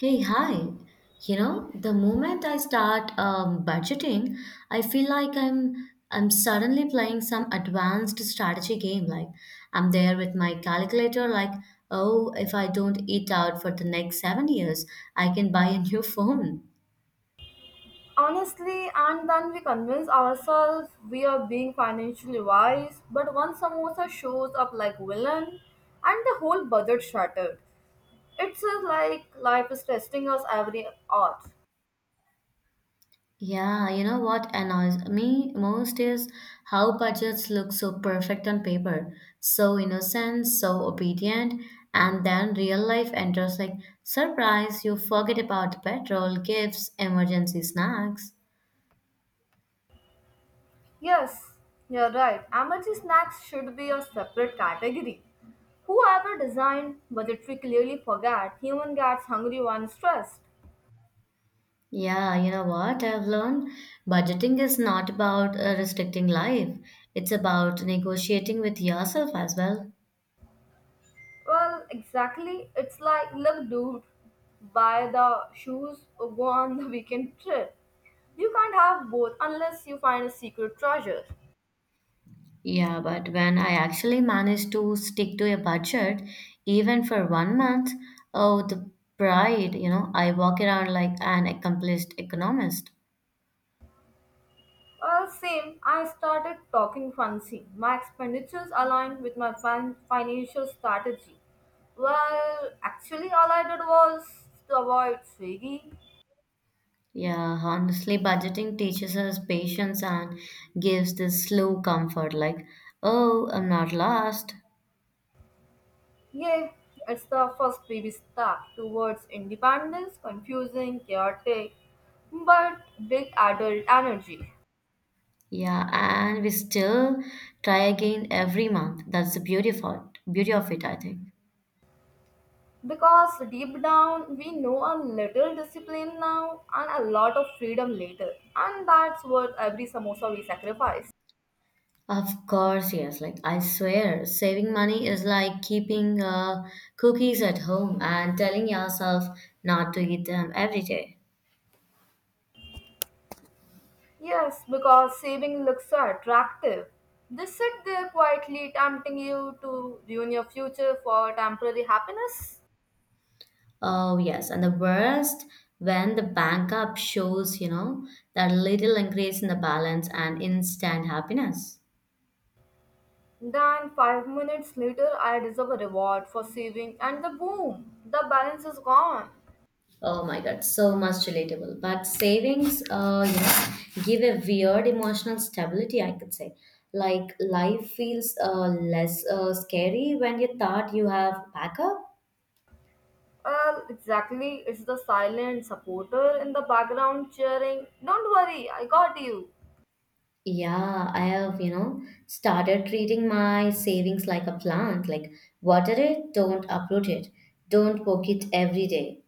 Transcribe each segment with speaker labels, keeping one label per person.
Speaker 1: Hey, hi. You know, the moment I start budgeting, I feel like I'm suddenly playing some advanced strategy game. Like I'm there with my calculator, like, oh, if I don't eat out for the next 7 years, I can buy a new phone.
Speaker 2: Honestly, and then we convince ourselves we are being financially wise, but one samosa shows up like villain and the whole budget shattered. It's just like life is testing us every hour.
Speaker 1: Yeah, you know what annoys me most is how budgets look so perfect on paper, so innocent, so obedient, and then real life enters like surprise, you forget about petrol, gifts, emergency snacks.
Speaker 2: Yes, you're right. Emergency snacks should be a separate category. Whoever designed budgetary clearly forgot human gets hungry when stressed.
Speaker 1: Yeah, you know what I've learned? Budgeting is not about restricting life, it's about negotiating with yourself as well.
Speaker 2: Well, exactly. It's like, look, dude, buy the shoes or go on the weekend trip. You can't have both unless you find a secret treasure.
Speaker 1: Yeah, but when I actually managed to stick to a budget, even for 1 month, oh, the pride, you know, I walk around like an accomplished economist.
Speaker 2: Well, same. I started talking fancy. My expenditures aligned with my financial strategy. Well, actually, all I did was to avoid Swiggy.
Speaker 1: Yeah, honestly, budgeting teaches us patience and gives this slow comfort, like, oh, I'm not lost.
Speaker 2: Yeah, it's the first baby step towards independence, confusing, chaotic, but big adult energy.
Speaker 1: Yeah, and we still try again every month. That's the beauty of it, I think.
Speaker 2: Because deep down, we know a little discipline now and a lot of freedom later. And that's worth every samosa we sacrifice.
Speaker 1: Of course, yes. Like, I swear, saving money is like keeping cookies at home and telling yourself not to eat them every day.
Speaker 2: Yes, because saving looks so attractive. They sit there quietly tempting you to ruin your future for temporary happiness.
Speaker 1: Oh, yes. And the worst, when the bank app shows, you know, that little increase in the balance and instant happiness.
Speaker 2: Then, five minutes later, I deserve a reward for saving, and the boom, the balance is gone.
Speaker 1: Oh my God, so much relatable. But savings, give a weird emotional stability, I could say. Like life feels less scary when you thought you have backup.
Speaker 2: Well, exactly, it's the silent supporter in the background cheering, "Don't worry, I got you."
Speaker 1: Yeah, I have, started treating my savings like a plant. Like, water it, don't uproot it, don't poke it every day.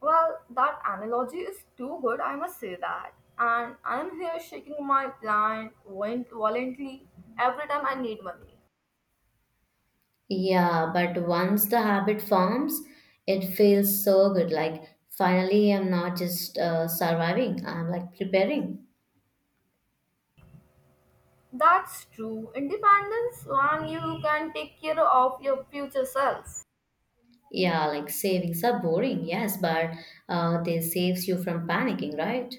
Speaker 2: Well, that analogy is too good, I must say that. And I'm here shaking my plant violently every time I need money.
Speaker 1: Yeah, but once the habit forms, it feels so good. Like, finally, I'm not just surviving, I'm like preparing.
Speaker 2: That's true. Independence when you can take care of your future self.
Speaker 1: Yeah, like savings are boring, yes, but they saves you from panicking, right?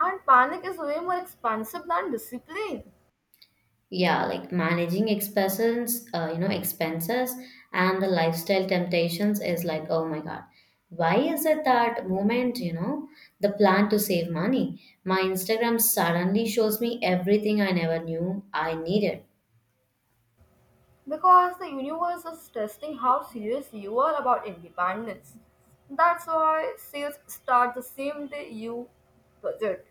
Speaker 2: And panic is way more expensive than discipline
Speaker 1: Yeah, like managing expenses, expenses and the lifestyle temptations is like, oh my God, why is it that moment, the plan to save money? My Instagram suddenly shows me everything I never knew I needed,
Speaker 2: because the universe is testing how serious you are about independence. That's why sales start the same day you budget.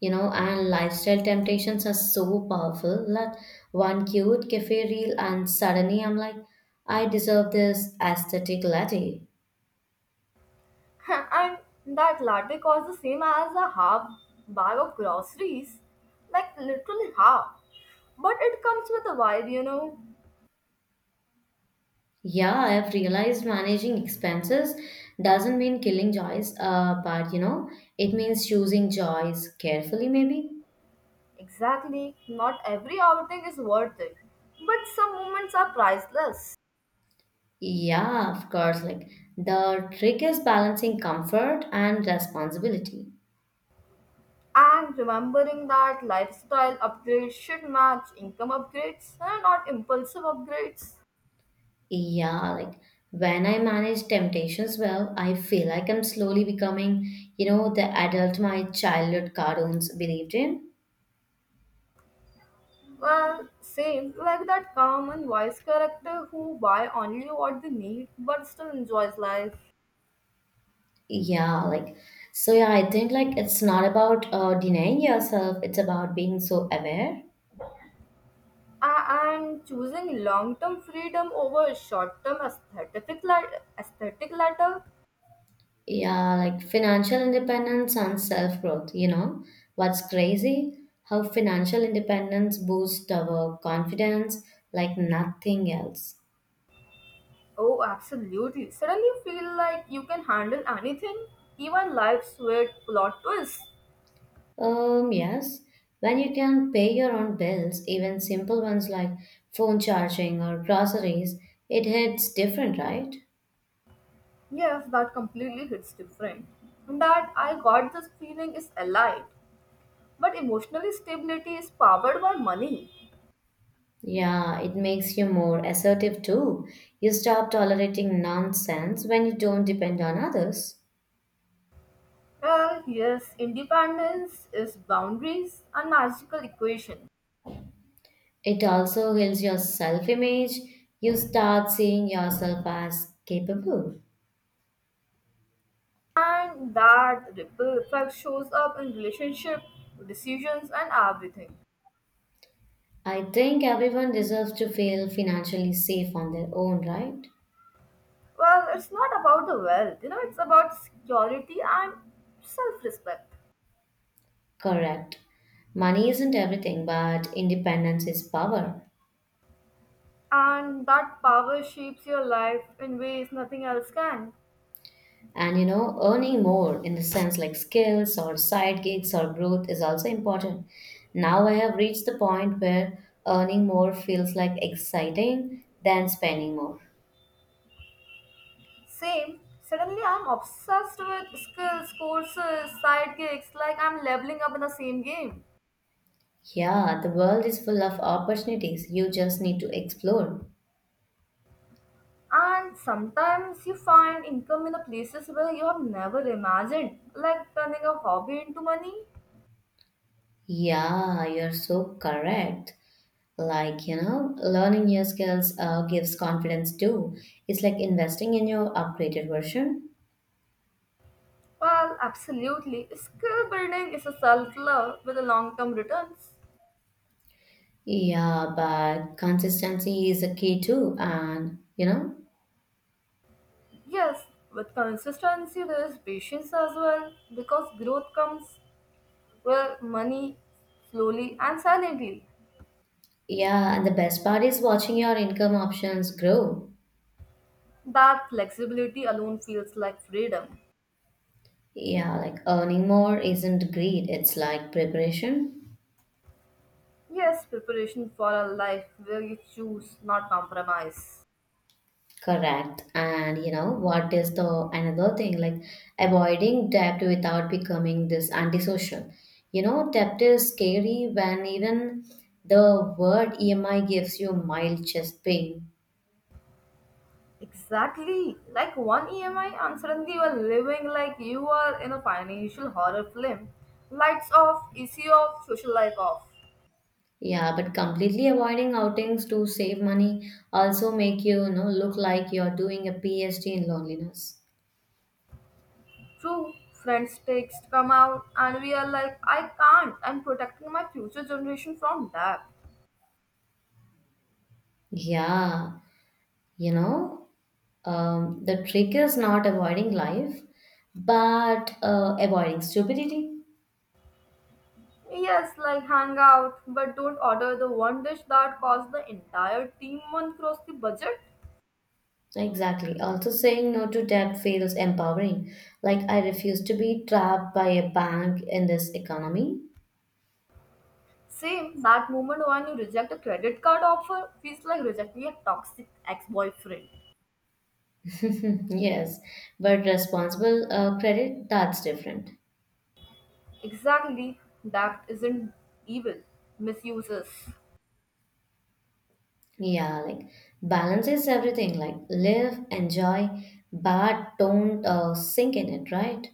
Speaker 1: and lifestyle temptations are so powerful. Like one cute cafe reel, and suddenly I'm like, I deserve this aesthetic latte.
Speaker 2: And that latte costs the same as a half bag of groceries, like literally half. But it comes with a vibe, you know.
Speaker 1: Yeah, I've realized managing expenses doesn't mean killing joys, but it means choosing joys carefully, maybe.
Speaker 2: Exactly, not every outing is worth it, but some moments are priceless.
Speaker 1: Yeah, of course. Like the trick is balancing comfort and responsibility.
Speaker 2: And remembering that lifestyle upgrades should match income upgrades and not impulsive upgrades.
Speaker 1: Yeah, like when I manage temptations well, I feel like I'm slowly becoming, the adult my childhood cartoons believed in.
Speaker 2: Well, same, like that calm and wise character who buy only what they need but still enjoys life.
Speaker 1: Yeah, like so. Yeah, I think like it's not about denying yourself; it's about being so aware.
Speaker 2: And choosing long-term freedom over short-term aesthetic ladder?
Speaker 1: Yeah, like financial independence and self growth. You know, what's crazy? How financial independence boosts our confidence like nothing else.
Speaker 2: Oh, absolutely. Suddenly you feel like you can handle anything, even life's weird plot twists.
Speaker 1: Yes, when you can pay your own bills, even simple ones like phone charging or groceries, it hits different, right?
Speaker 2: Yes, that completely hits different. And that I got this feeling is allied, but emotional stability is powered by money.
Speaker 1: Yeah, it makes you more assertive too. You stop tolerating nonsense when you don't depend on others.
Speaker 2: Well, yes, independence is boundaries and magical equation.
Speaker 1: It also heals your self image. You start seeing yourself as capable.
Speaker 2: And that ripple effect shows up in relationship, decisions, and everything.
Speaker 1: I think everyone deserves to feel financially safe on their own, right?
Speaker 2: Well, it's not about the wealth, you know, it's about security and self respect.
Speaker 1: Correct. Money isn't everything, but independence is power.
Speaker 2: And that power shapes your life in ways nothing else can.
Speaker 1: And earning more in the sense like skills or side gigs or growth is also important. Now I have reached the point where earning more feels like exciting than spending more.
Speaker 2: Same, suddenly I'm obsessed with skills, courses, side, like I'm leveling up in the same game.
Speaker 1: Yeah, the world is full of opportunities. You just need to explore.
Speaker 2: And sometimes you find income in the places where you have never imagined, like turning a hobby into money.
Speaker 1: Yeah, you're so correct. Like, learning new skills gives confidence too. It's like investing in your upgraded version.
Speaker 2: Well, absolutely. Skill building is a self love with a long term returns.
Speaker 1: Yeah, but consistency is a key too. And,
Speaker 2: Yes, with consistency, there is patience as well because growth comes with money slowly and silently.
Speaker 1: yeah, and the best part is watching your income options grow.
Speaker 2: That flexibility alone feels like freedom.
Speaker 1: Yeah, like earning more isn't greed, it's like preparation.
Speaker 2: Yes, preparation for a life where you choose not compromise.
Speaker 1: Correct. And what is the another thing like avoiding debt without becoming this antisocial? Debt is scary when even the word EMI gives you mild chest pain.
Speaker 2: Exactly. Like one EMI, and suddenly you are living like you are in a financial horror film. Lights off, EC off, social life off.
Speaker 1: Yeah, but completely avoiding outings to save money also make you, look like you're doing a PhD in loneliness.
Speaker 2: True, friends' texts come out, and we are like, I can't, I'm protecting my future generation from that.
Speaker 1: Yeah, you know, the trick is not avoiding life, but avoiding stupidity.
Speaker 2: Yes, like hang out, but don't order the one dish that costs the entire team one cross the budget.
Speaker 1: Exactly. Also, saying no to debt feels empowering. Like, I refuse to be trapped by a bank in this economy.
Speaker 2: Same, that moment when you reject a credit card offer feels like rejecting a toxic ex boyfriend.
Speaker 1: Yes, but responsible credit, that's different.
Speaker 2: Exactly, that isn't evil, misuses.
Speaker 1: Yeah, like balance is everything. Like, live, enjoy, but don't sink in it, right?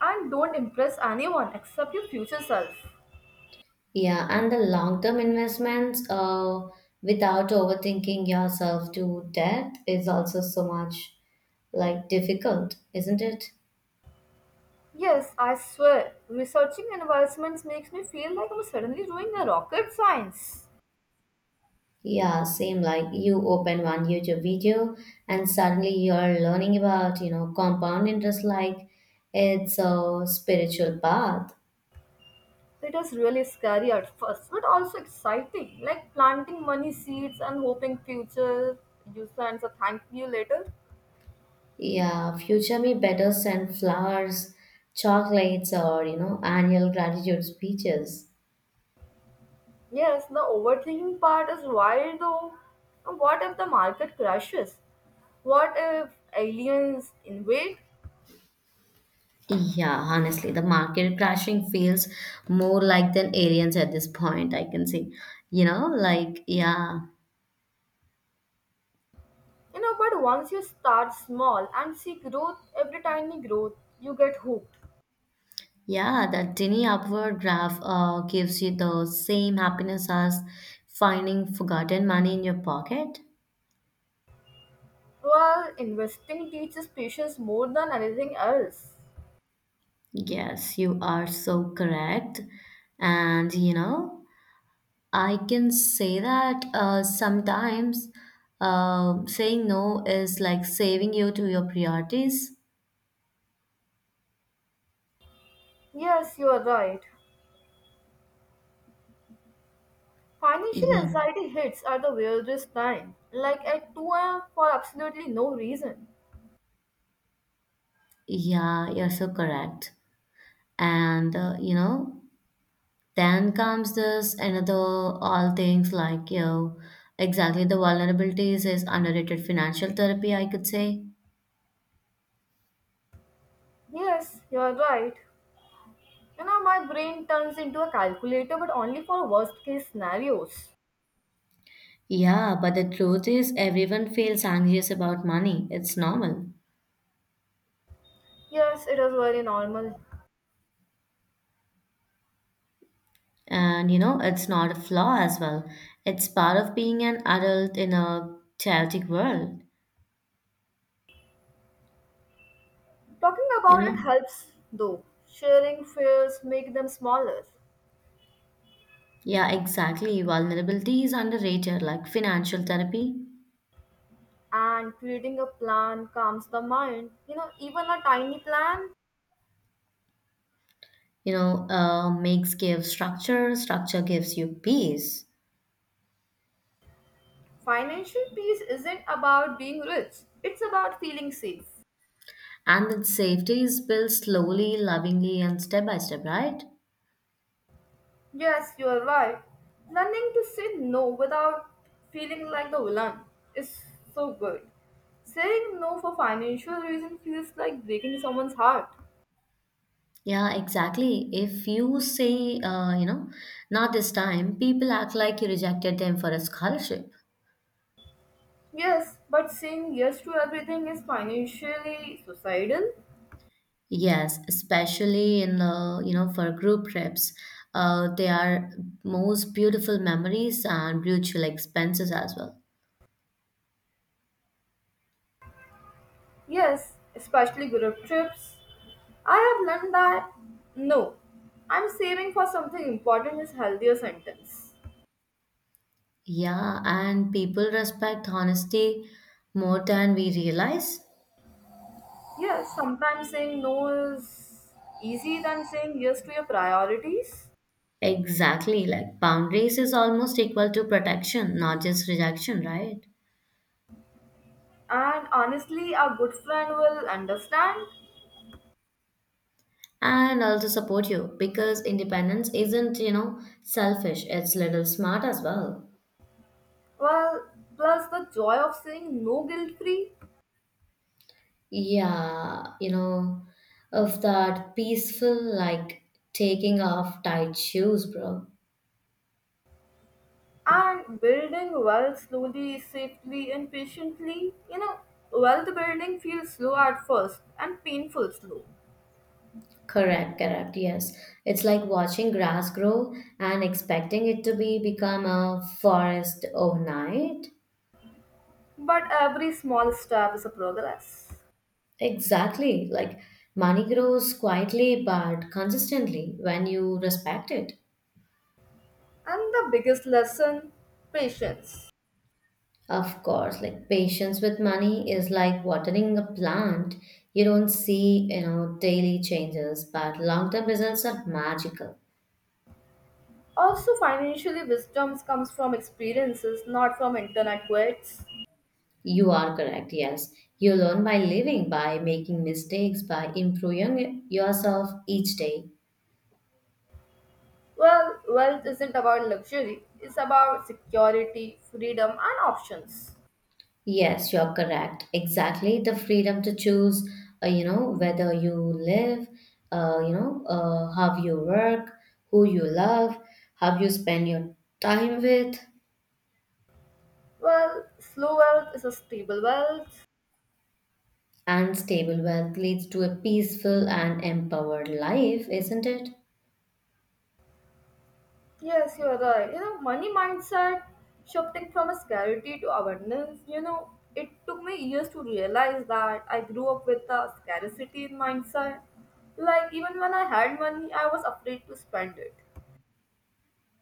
Speaker 2: And don't impress anyone except your future self.
Speaker 1: Yeah, and the long-term investments without overthinking yourself to death is also so much like difficult, isn't it?
Speaker 2: Yes, I swear, researching environments makes me feel like I'm suddenly doing a rocket science.
Speaker 1: Yeah, same like you open one YouTube video and suddenly you're learning about, compound interest like it's a spiritual path.
Speaker 2: It is really scary at first, but also exciting, like planting money seeds and hoping future you sends a thank you later.
Speaker 1: Yeah, future me better send flowers, chocolates, or, annual gratitude speeches.
Speaker 2: Yes, the overthinking part is wild though. And what if the market crashes? What if aliens invade?
Speaker 1: Yeah, honestly, the market crashing feels more like than aliens at this point, I can say. Yeah.
Speaker 2: You know, but once you start small and see growth, every tiny growth, you get hooked.
Speaker 1: Yeah, that tiny upward graph gives you the same happiness as finding forgotten money in your pocket.
Speaker 2: Well, investing teaches patience more than anything else.
Speaker 1: Yes, you are so correct. And I can say that sometimes saying no is like saving you to your priorities.
Speaker 2: Yes, you are right. Financial
Speaker 1: Yeah,
Speaker 2: anxiety hits at the weirdest time, like at 2 a.m. for absolutely no reason.
Speaker 1: yeah, you're so correct. And then comes this another all things like exactly the vulnerabilities is underrated financial therapy, I could say.
Speaker 2: Yes, you are right. You know, my brain turns into a calculator, but only for worst case scenarios.
Speaker 1: Yeah, but the truth is everyone feels anxious about money. It's normal.
Speaker 2: Yes, it is very normal.
Speaker 1: And it's not a flaw as well. It's part of being an adult in a chaotic world,
Speaker 2: Talking
Speaker 1: you
Speaker 2: about it
Speaker 1: know.
Speaker 2: helps, though. Sharing fears make them smaller,
Speaker 1: Yeah, exactly. Vulnerability is underrated, like financial therapy.
Speaker 2: and creating a plan calms the mind. You know, even a tiny plan.
Speaker 1: Makes give structure, structure gives you peace.
Speaker 2: Financial peace isn't about being rich, it's about feeling safe.
Speaker 1: And that safety is built slowly, lovingly, and step by step, right?
Speaker 2: Yes, you are right. Learning to say no without feeling like the villain is so good. Saying no for financial reason feels like breaking someone's heart.
Speaker 1: Yeah, exactly. If you say, not this time, people act like you rejected them for a scholarship.
Speaker 2: Yes, but saying yes to everything is financially suicidal.
Speaker 1: Yes, especially in the, for group trips, they are most beautiful memories and mutual expenses as well.
Speaker 2: Yes, especially group trips. I have learned that no, I'm saving for something important is healthier sentence.
Speaker 1: Yeah, and people respect honesty more than we realize.
Speaker 2: Yeah, sometimes saying no is easy than saying yes to your priorities.
Speaker 1: Exactly, like boundaries is almost equal to protection, not just rejection, right?
Speaker 2: And honestly, a good friend will understand.
Speaker 1: And also support you because independence isn't, selfish, it's little smart as well.
Speaker 2: Well, plus the joy of saying no guilt free
Speaker 1: Yeah, of that peaceful, like taking off tight shoes, bro.
Speaker 2: and building wealth slowly, safely, and patiently. You know, wealth building feels slow at first and painful slow,
Speaker 1: Correct, correct, yes. It's like watching grass grow and expecting it to be become a forest overnight.
Speaker 2: but every small step is a progress.
Speaker 1: Exactly. Like money grows quietly but consistently when you respect it.
Speaker 2: And the biggest lesson, patience.
Speaker 1: Of course, like patience with money is like watering a plant. You don't see, daily changes, but long-term results are magical.
Speaker 2: Also, financially, wisdom comes from experiences, not from internet quotes.
Speaker 1: You are correct, yes. You learn by living, by making mistakes, by improving yourself each day.
Speaker 2: Well, wealth isn't about luxury, it's about security, freedom, and options.
Speaker 1: Yes, you're correct. Exactly. The freedom to choose, whether you live, how you work, who you love, how you spend your time with,
Speaker 2: Well, slow wealth is a stable wealth.
Speaker 1: and stable wealth leads to a peaceful and empowered life, isn't it?
Speaker 2: Yes, you're right. You know, money mindset shifting from a scarcity to abundance. You know, it took me years to realize that I grew up with a scarcity mindset. Like, even when I had money, I was afraid to spend it.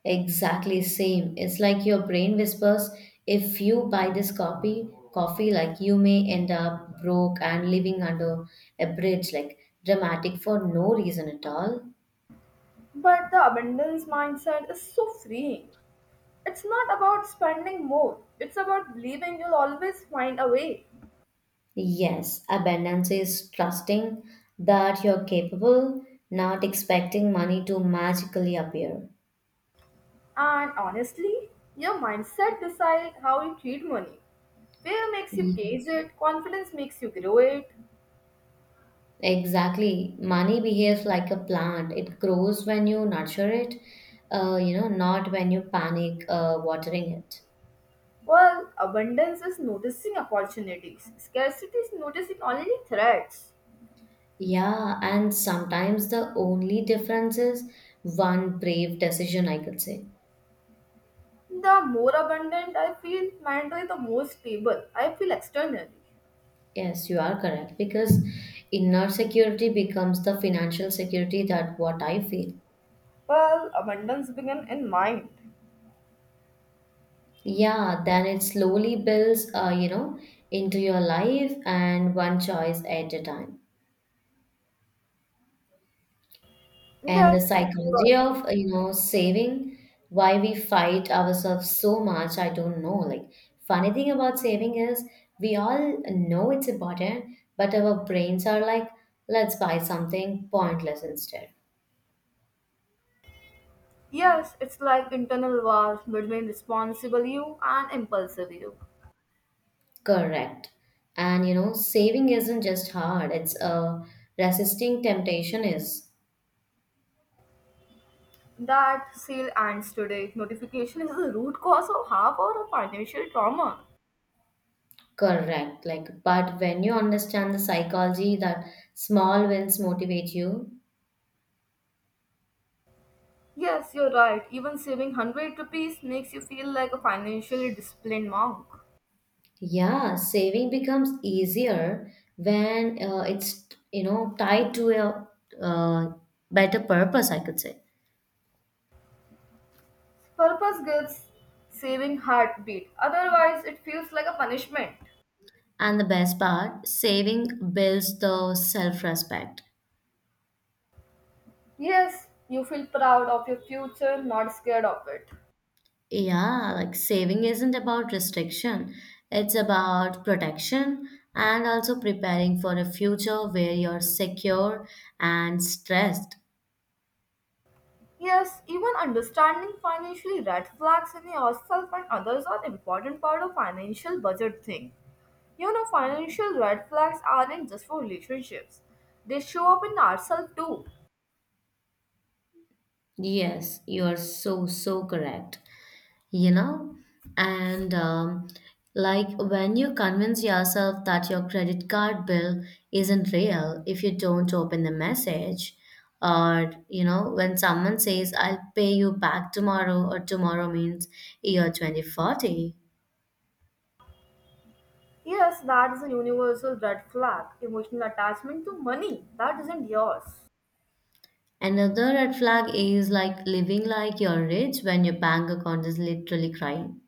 Speaker 1: Exactly same. It's like your brain whispers, if you buy this coffee, like you may end up broke and living under a bridge, like dramatic for no reason at all.
Speaker 2: But the abundance mindset is so freeing. It's not about spending more, it's about believing you'll always find a way.
Speaker 1: Yes, abundance is trusting that you're capable, not expecting money to magically appear.
Speaker 2: And honestly, your mindset decides how you treat money. Fear makes you
Speaker 1: Mm.
Speaker 2: cage it, confidence makes you grow it.
Speaker 1: Exactly. Money behaves like a plant. It grows when you nurture it, not when you panic watering it.
Speaker 2: Well, abundance is noticing opportunities, scarcity is noticing only threats.
Speaker 1: Yeah, and sometimes the only difference is one brave decision, I could say.
Speaker 2: The more abundant I feel mentally, the more stable I feel externally.
Speaker 1: Yes, you are correct because inner security becomes the financial security that what I feel.
Speaker 2: Well, abundance begins in mind.
Speaker 1: Yeah, then it slowly builds, into your life and one choice at a time. And
Speaker 2: Yes,
Speaker 1: the
Speaker 2: God.
Speaker 1: psychology of, saving, why we fight ourselves so much, I don't know. Like, funny thing about saving is we all know it's important, but our brains are like, let's buy something pointless instead.
Speaker 2: Yes, it's like internal wars between responsible you and impulsive you.
Speaker 1: Correct. And, saving isn't just hard, it's resisting temptation is.
Speaker 2: That sale ends today. Notification is the root cause of half our financial trauma.
Speaker 1: Correct. Like, but when you understand the psychology that small wins motivate you,
Speaker 2: Yes, you're right. Even saving 100 rupees makes you feel like a financially disciplined monk.
Speaker 1: yeah, saving becomes easier when it's, tied to a uh, better purpose, I could say.
Speaker 2: Purpose gives saving heartbeat. Otherwise, it feels like a punishment.
Speaker 1: And the best part, saving builds the self-respect.
Speaker 2: Yes, you feel proud of your future, not scared of it.
Speaker 1: Yeah, like saving isn't about restriction, it's about protection and also preparing for a future where you're secure and stressed.
Speaker 2: Yes, even understanding financially red flags in yourself and others are an important part of financial budget thing. You know, financial red flags aren't just for relationships. They show up in ourselves too.
Speaker 1: Yes, you are so, so correct. You know, and like when you convince yourself that your credit card bill isn't real if you don't open the message, or when someone says, I'll pay you back tomorrow, or tomorrow means year 2040.
Speaker 2: Yes, that is a universal red flag. Emotional attachment to money that isn't yours.
Speaker 1: Another red flag is like living like you're rich when your bank account is literally crying.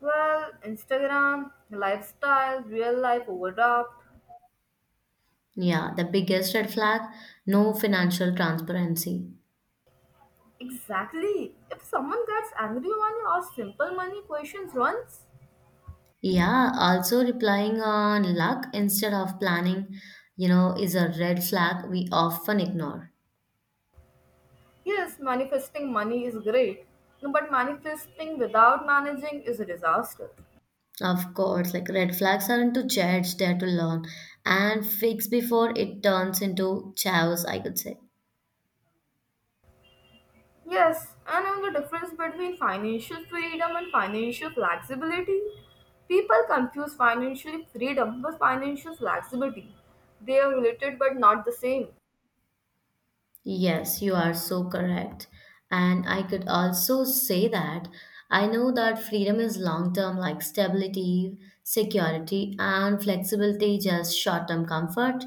Speaker 2: Well, Instagram, lifestyle, real life overdraft.
Speaker 1: Yeah, the biggest red flag, no financial transparency.
Speaker 2: Exactly. If someone gets angry when you ask simple money questions once.
Speaker 1: Yeah, also replying on luck instead of planning, is a red flag we often ignore.
Speaker 2: Yes, manifesting money is great, but manifesting without managing is a disaster.
Speaker 1: Of course, like red flags aren't to judge, they're to learn and fix before it turns into chaos, I could say.
Speaker 2: Yes, and on the difference between financial freedom and financial flexibility, people confuse financial freedom with financial flexibility. They are related but not the same.
Speaker 1: Yes, you are so correct. And I could also say that I know that freedom is long term, like stability, security, and flexibility, just short term comfort.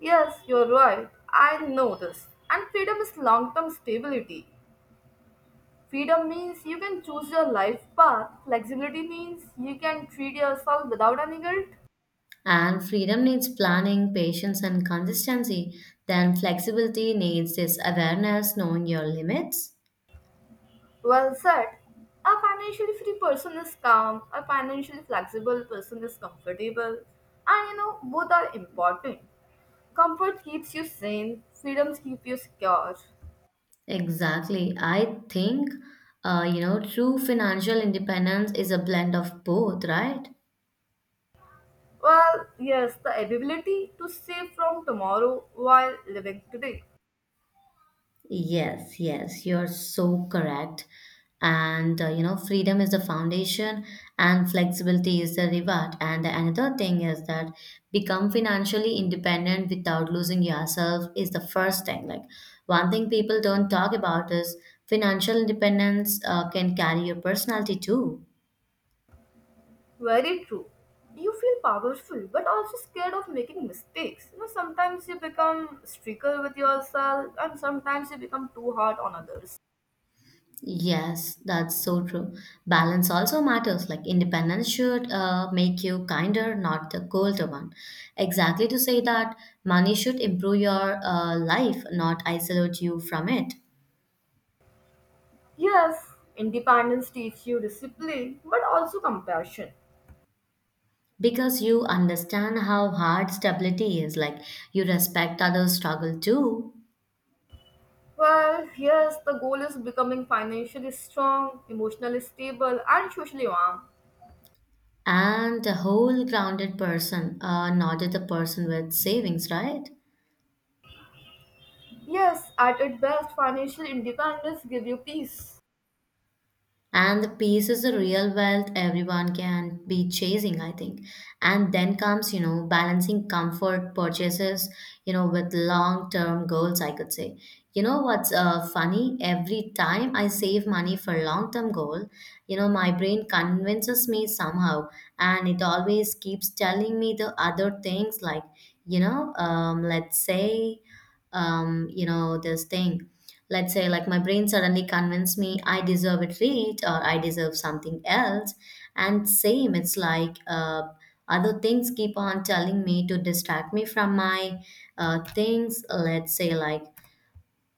Speaker 2: Yes, you're right. I know this. And freedom is long term stability. Freedom means you can choose your life path. Flexibility means you can treat yourself without any guilt.
Speaker 1: And freedom needs planning, patience, and consistency. Then flexibility needs this awareness, knowing your limits.
Speaker 2: Well said. A financially free person is calm, a financially flexible person is comfortable, and you know, both are important. Comfort keeps you sane, freedoms keep you secure.
Speaker 1: Exactly. I think, true financial independence is a blend of both, right?
Speaker 2: Well, yes, the ability to save from tomorrow while living today.
Speaker 1: Yes, yes, you're so correct. And freedom is the foundation, and flexibility is the reward. And another thing is that become financially independent without losing yourself is the first thing. Like, one thing people don't talk about is financial independence can carry your personality too.
Speaker 2: Very true. You feel powerful but also scared of making mistakes. You know, sometimes you become stricter with yourself and sometimes you become too hard on others.
Speaker 1: Yes, that's so true. Balance also matters. Like independence should make you kinder, not the colder one. Exactly to say that money should improve your life, not isolate you from it.
Speaker 2: Yes, independence teaches you discipline, but also compassion.
Speaker 1: Because you understand how hard stability is. Like you respect others' struggle too.
Speaker 2: Well, yes, the goal is becoming financially strong, emotionally stable, and socially warm.
Speaker 1: And the whole grounded person, not the person with savings, right?
Speaker 2: Yes, at its best, financial independence gives you peace.
Speaker 1: And the peace is the real wealth everyone can be chasing, I think. And then comes, you know, balancing comfort purchases, you know, with long term goals, I could say. You know what's funny? Every time I save money for long term goal, you know, my brain convinces me somehow. And it always keeps telling me the other things like, let's say, this thing. Let's say, like, my brain suddenly convinced me I deserve a treat or I deserve something else. And same, it's like other things keep on telling me to distract me from my things. Let's say, like,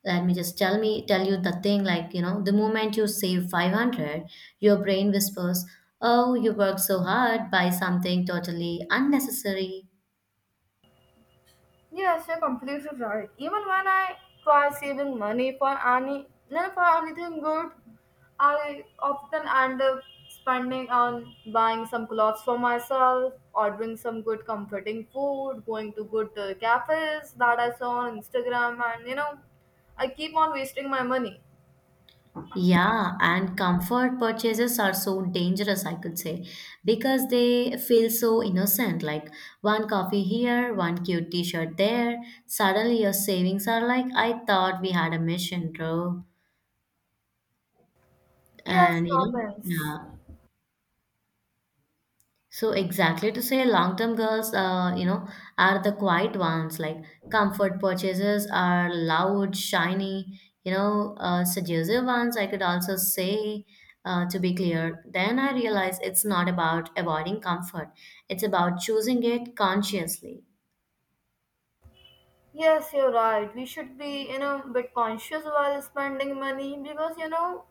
Speaker 1: let me just tell me tell you the thing, like, you know, the moment you save 500, your brain whispers, oh, you work so hard, buy something totally unnecessary.
Speaker 2: Yes, you're completely right. Even when I try saving money for any, not for anything good, I often end up spending on buying some clothes for myself, ordering some good comforting food, going to good cafes that I saw on Instagram, and you know, I keep on wasting my money.
Speaker 1: Yeah, and comfort purchases are so dangerous, I could say, because they feel so innocent. Like one coffee here, one cute t shirt there. Suddenly, your savings are like, I thought we had a mission, bro.
Speaker 2: Yes,
Speaker 1: And you know,
Speaker 2: happens.
Speaker 1: yeah. So exactly to say long-term girls, are the quiet ones. Like comfort purchases are loud, shiny, seductive ones. I could also say, to be clear. Then I realize it's not about avoiding comfort. It's about choosing it consciously.
Speaker 2: Yes, you're right. We should be, you know, a bit conscious while spending money because, you know,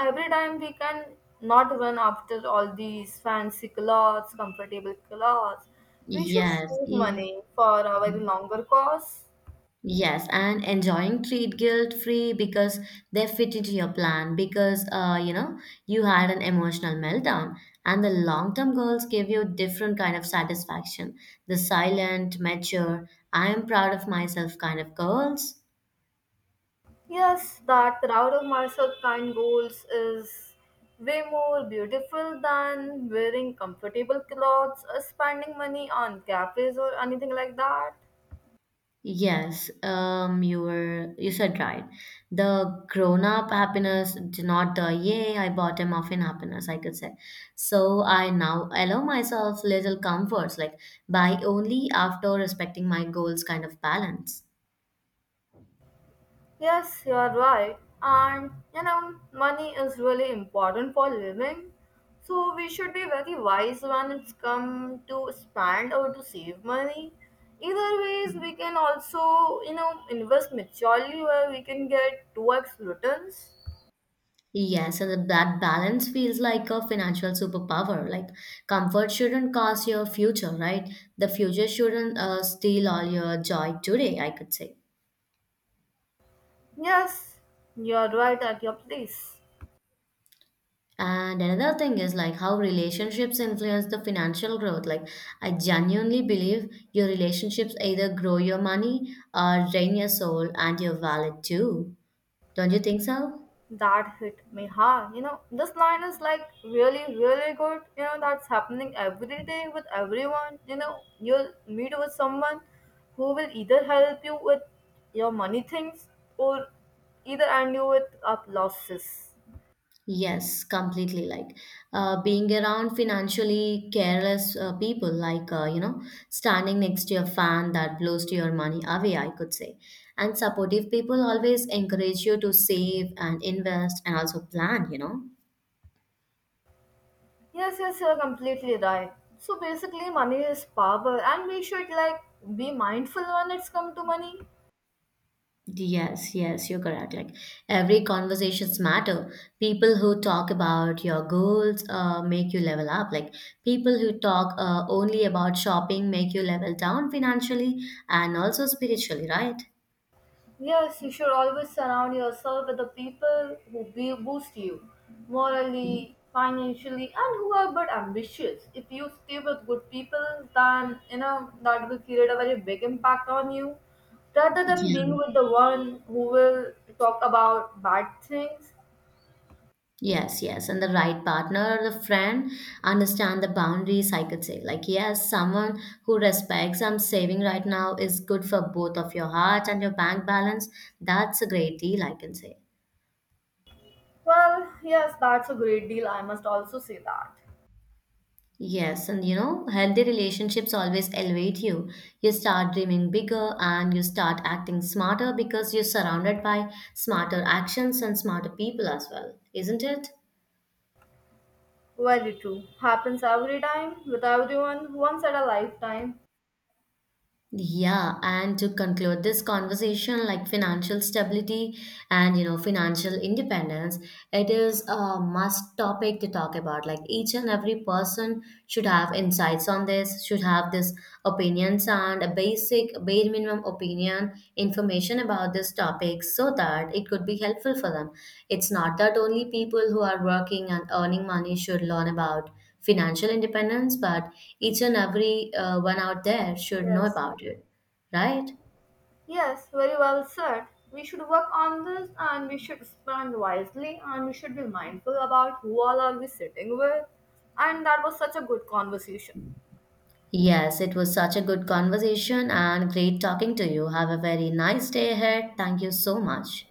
Speaker 2: every time we can not run after all these fancy clothes, comfortable clothes. We should
Speaker 1: Yes.
Speaker 2: save money for a very longer cause.
Speaker 1: Yes, and enjoying treat guilt free because they fit into your plan because you know you had an emotional meltdown and the long-term goals give you different kind of satisfaction. The silent, mature, I am proud of myself kind of goals.
Speaker 2: Yes, that proud of myself kind goals is way more beautiful than wearing comfortable clothes or spending money on cafes or anything like that.
Speaker 1: Yes, you said right. The grown-up happiness, not the yay, I bought a muffin happiness, I could say. So I now allow myself little comforts, like by only after respecting my goals kind of balance.
Speaker 2: Yes, you're right. And you know, money is really important for living. So we should be very wise when it's come to spend or to save money. Either ways, we can also, you know, invest maturely where we can get 2x returns.
Speaker 1: Yes, and that balance feels like a financial superpower. Like comfort shouldn't cost your future, right? The future shouldn't steal all your joy today, I could say.
Speaker 2: Yes, you're right at your place.
Speaker 1: And another thing is like how relationships influence the financial growth. Like, I genuinely believe your relationships either grow your money or drain your soul and your wallet too. Don't you think so?
Speaker 2: That hit me hard. You know, this line is like really, really good. You know, that's happening every day with everyone. You know, you'll meet with someone who will either help you with your money things or either end you with up losses.
Speaker 1: Yes, completely. Like, being around financially careless people, like, you know, standing next to a fan that blows to your money away, I could say. And supportive people always encourage you to save and invest and also plan, you know.
Speaker 2: Yes, yes, you're completely right. So basically, money is power, and we should like be mindful when it's come to money.
Speaker 1: Yes, yes, you're correct. Like every conversations matter. People who talk about your goals make you level up. Like people who talk only about shopping make you level down financially and also spiritually, right?
Speaker 2: Yes, you should always surround yourself with the people who boost you morally, financially, and who are but ambitious. If you stay with good people, then you know that will create a very big impact on you rather than being
Speaker 1: Yeah.
Speaker 2: with the one who will talk about bad things.
Speaker 1: Yes, yes. And the right partner or the friend understand the boundaries, I could say. Like, yes, someone who respects I'm saving right now is good for both of your heart and your bank balance. That's a great deal, I can say.
Speaker 2: Well, yes, that's a great deal. I must also say that.
Speaker 1: Yes, and you know, healthy relationships always elevate you. You start dreaming bigger and you start acting smarter because you're surrounded by smarter actions and smarter people as well, isn't it?
Speaker 2: Very true. Happens every time with everyone once at a lifetime.
Speaker 1: Yeah, and to conclude this conversation, like financial stability and you know financial independence, it is a must topic to talk about. Like each and every person should have insights on this, should have this opinions and a basic bare minimum opinion information about this topic so that it could be helpful for them. It's not that only people who are working and earning money should learn about financial independence, but each and every one out there should know
Speaker 2: Yes.
Speaker 1: about it, right?
Speaker 2: Yes, very well said. We should work on this and we should spend wisely and we should be mindful about who all are we sitting with. And that was such a good conversation.
Speaker 1: Yes, it was such a good conversation and great talking to you. Have a very nice day ahead. Thank you so much.